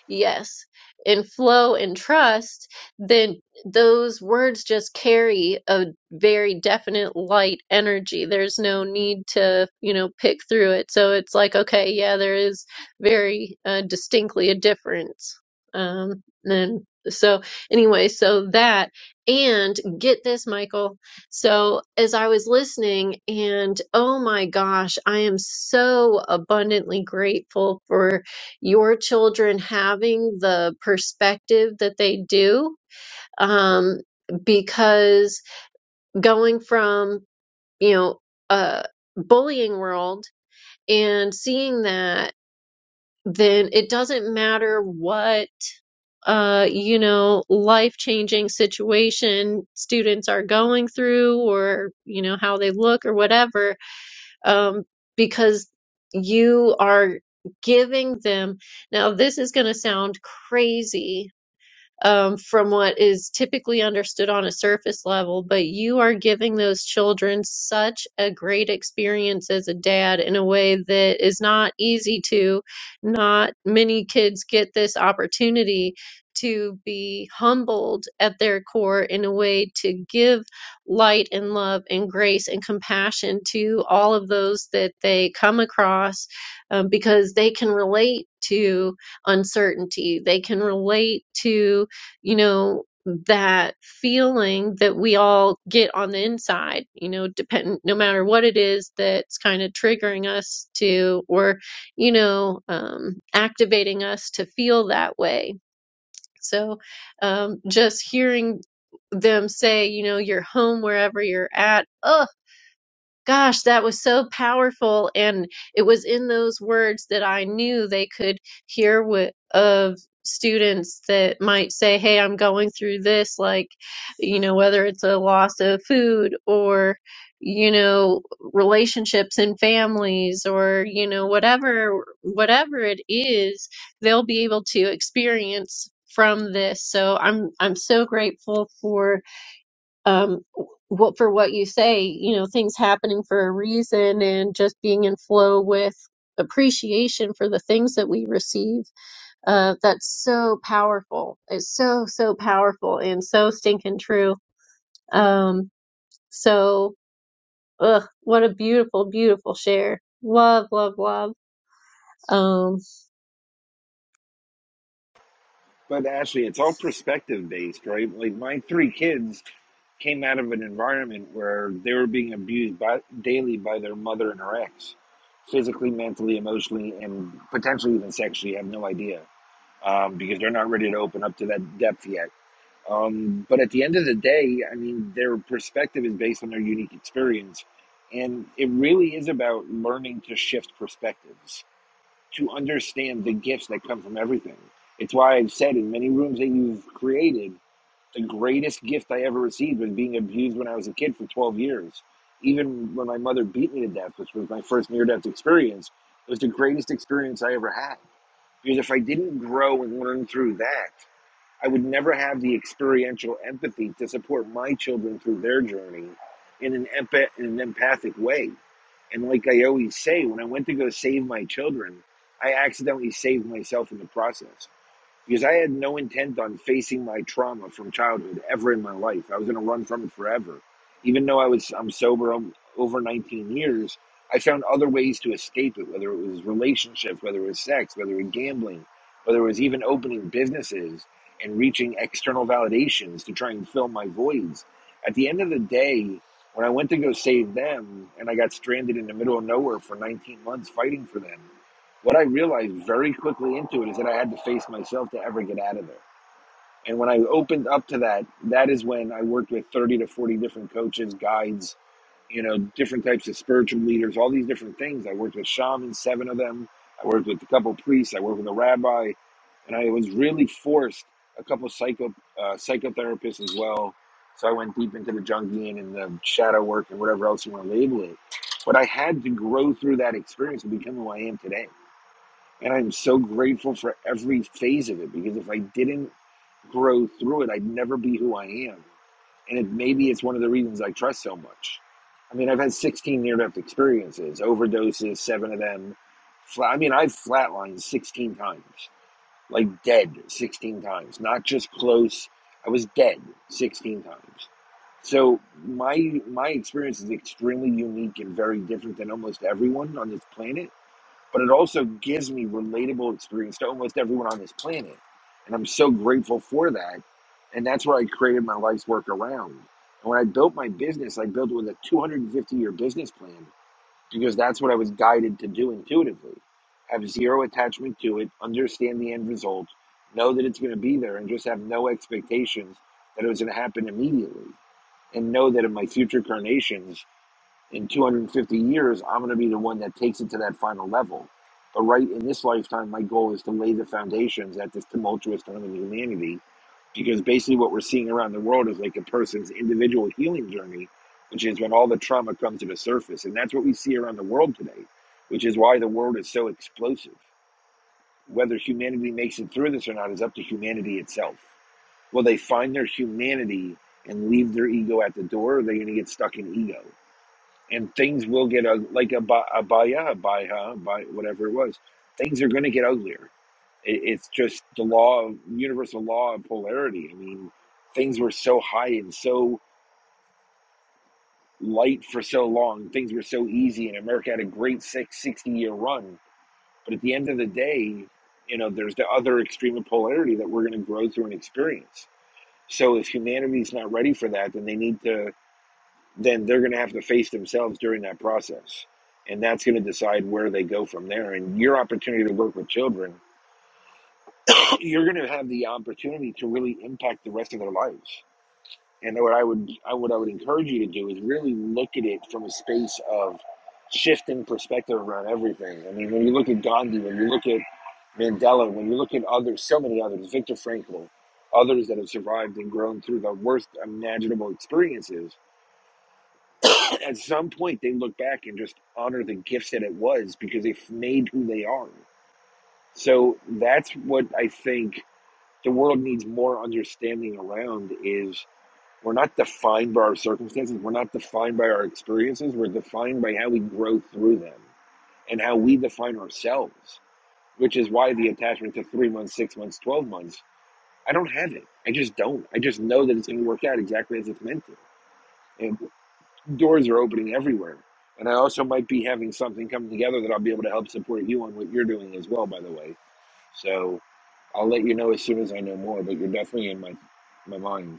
yes, and flow and trust, then those words just carry a very definite light energy. There's no need to, you know, pick through it. So it's like, okay, yeah, there is very uh, distinctly a difference. Um, and so, anyway, so that, and get this, Michael. So, as I was listening, and oh my gosh, I am so abundantly grateful for your children having the perspective that they do um, because going from you know a bullying world and seeing that then it doesn't matter what uh you know life changing situation students are going through or you know how they look or whatever um because you are giving them now this is going to sound crazy um, from what is typically understood on a surface level, but you are giving those children such a great experience as a dad in a way that is not easy to. Not many kids get this opportunity to be humbled at their core in a way to give light and love and grace and compassion to all of those that they come across um, because they can relate to uncertainty. They can relate to you know, that feeling that we all get on the inside, you know, dependent, no matter what it is that's kind of triggering us to, or, you know, um, activating us to feel that way. So, um, just hearing them say, you know, you're home wherever you're at. Ugh, Gosh, that was so powerful. And it was in those words that I knew they could hear what of students that might say, Hey, I'm going through this, like, you know, whether it's a loss of food or, you know, relationships and families or, you know, whatever, whatever it is, they'll be able to experience from this. So I'm, I'm so grateful for um what for what you say you know things happening for a reason and just being in flow with appreciation for the things that we receive uh that's so powerful it's so so powerful and so stinking true um so ugh, what a beautiful beautiful share love love love um
But Ashley, it's all perspective based, right? Like my three kids came out of an environment where they were being abused by, daily by their mother and her ex, physically, mentally, emotionally, and potentially even sexually. I have no idea um, because they're not ready to open up to that depth yet Um, but at the end of the day, I mean, their perspective is based on their unique experience. And it really is about learning to shift perspectives, to understand the gifts that come from everything. It's why I've said in many rooms that you've created, the greatest gift I ever received was being abused when I was a kid for 12 years. Even when my mother beat me to death, which was my first near death experience, it was the greatest experience I ever had. Because if I didn't grow and learn through that, I would never have the experiential empathy to support my children through their journey in an, empath- in an empathic way. And like I always say, when I went to go save my children, I accidentally saved myself in the process because I had no intent on facing my trauma from childhood ever in my life. I was going to run from it forever. Even though I was I'm sober um, over 19 years, I found other ways to escape it, whether it was relationships, whether it was sex, whether it was gambling, whether it was even opening businesses and reaching external validations to try and fill my voids. At the end of the day, when I went to go save them and I got stranded in the middle of nowhere for 19 months fighting for them, what I realized very quickly into it is that I had to face myself to ever get out of there. And when I opened up to that, that is when I worked with 30 to 40 different coaches, guides, you know, different types of spiritual leaders, all these different things. I worked with shamans, seven of them. I worked with a couple priests. I worked with a rabbi, and I was really forced a couple psycho uh, psychotherapists as well. So I went deep into the Jungian and the shadow work and whatever else you want to label it. But I had to grow through that experience to become who I am today. And I'm so grateful for every phase of it because if I didn't grow through it, I'd never be who I am. And it, maybe it's one of the reasons I trust so much. I mean, I've had 16 near death experiences, overdoses, seven of them. Flat, I mean, I've flatlined 16 times, like dead 16 times, not just close. I was dead 16 times. So my my experience is extremely unique and very different than almost everyone on this planet but it also gives me relatable experience to almost everyone on this planet. And I'm so grateful for that. And that's what I created my life's work around. And when I built my business, I built it with a 250 year business plan because that's what I was guided to do intuitively. Have zero attachment to it, understand the end result, know that it's going to be there, and just have no expectations that it was going to happen immediately. And know that in my future incarnations in 250 years, I'm going to be the one that takes it to that final level. But right in this lifetime, my goal is to lay the foundations at this tumultuous time in humanity because basically what we're seeing around the world is like a person's individual healing journey, which is when all the trauma comes to the surface. And that's what we see around the world today, which is why the world is so explosive. Whether humanity makes it through this or not is up to humanity itself. Will they find their humanity and leave their ego at the door, or are they going to get stuck in ego? and things will get ug- like a ba- a baya, a baya, by whatever it was. Things are going to get uglier. It, it's just the law, of universal law of polarity. I mean, things were so high and so light for so long. Things were so easy, and America had a great six sixty year run. But at the end of the day, you know, there's the other extreme of polarity that we're going to grow through and experience. So if humanity's not ready for that, then they need to. then they're going to have to face themselves during that process. And that's going to decide where they go from there. And your opportunity to work with children, you're going to have the opportunity to really impact the rest of their lives. And what I would, I, what I would encourage you to do is really look at it from a space of shifting perspective around everything. I mean, when you look at Gandhi, when you look at Mandela, when you look at others, so many others, Viktor Frankl, others that have survived and grown through the worst imaginable experiences, At some point, they look back and just honor the gifts that it was because they've made who they are. So that's what I think the world needs more understanding around is we're not defined by our circumstances. We're not defined by our experiences. We're defined by how we grow through them and how we define ourselves, which is why the attachment to three months, six months, 12 months, I don't have it. I just don't. I just know that it's going to work out exactly as it's meant to. And doors are opening everywhere. And I also might be having something come together that I'll be able to help support you on what you're doing as well, by the way. So I'll let you know as soon as I know more, but you're definitely in my my mind.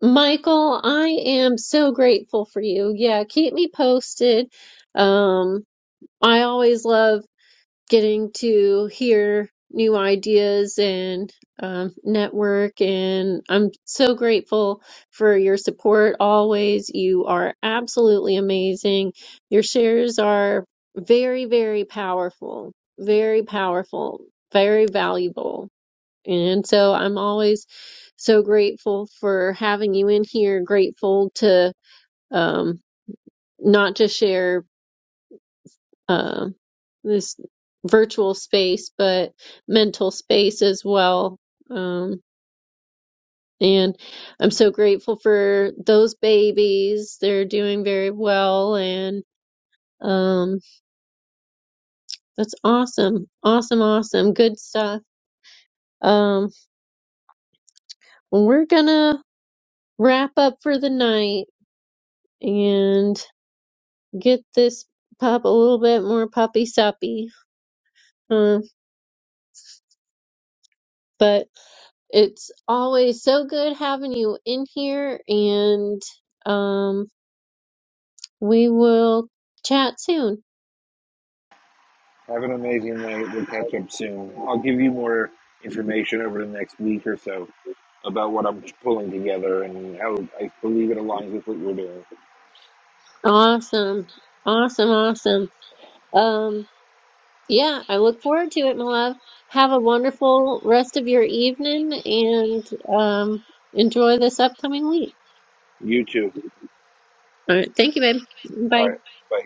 michael i am so grateful for you yeah keep me posted um i always love getting to hear new ideas and um, network. And I'm so grateful for your support always. You are absolutely amazing. Your shares are very, very powerful, very powerful, very valuable. And so I'm always so grateful for having you in here, grateful to um, not just share uh, this virtual space, but mental space as well. Um, and I'm so grateful for those babies. They're doing very well, and um, that's awesome, awesome, awesome, good stuff. Um, well, we're gonna wrap up for the night and get this pup a little bit more puppy suppy. Uh, but It's always so good having you in here, and um, we will chat soon.
Have an amazing night. We'll catch up soon. I'll give you more information over the next week or so about what I'm pulling together and how I believe it aligns with what you're doing.
Awesome. Awesome. Awesome. Um, yeah, I look forward to it, my love. Have a wonderful rest of your evening and um, enjoy this upcoming week.
You too.
All right. Thank you, babe. Bye.
All right. Bye.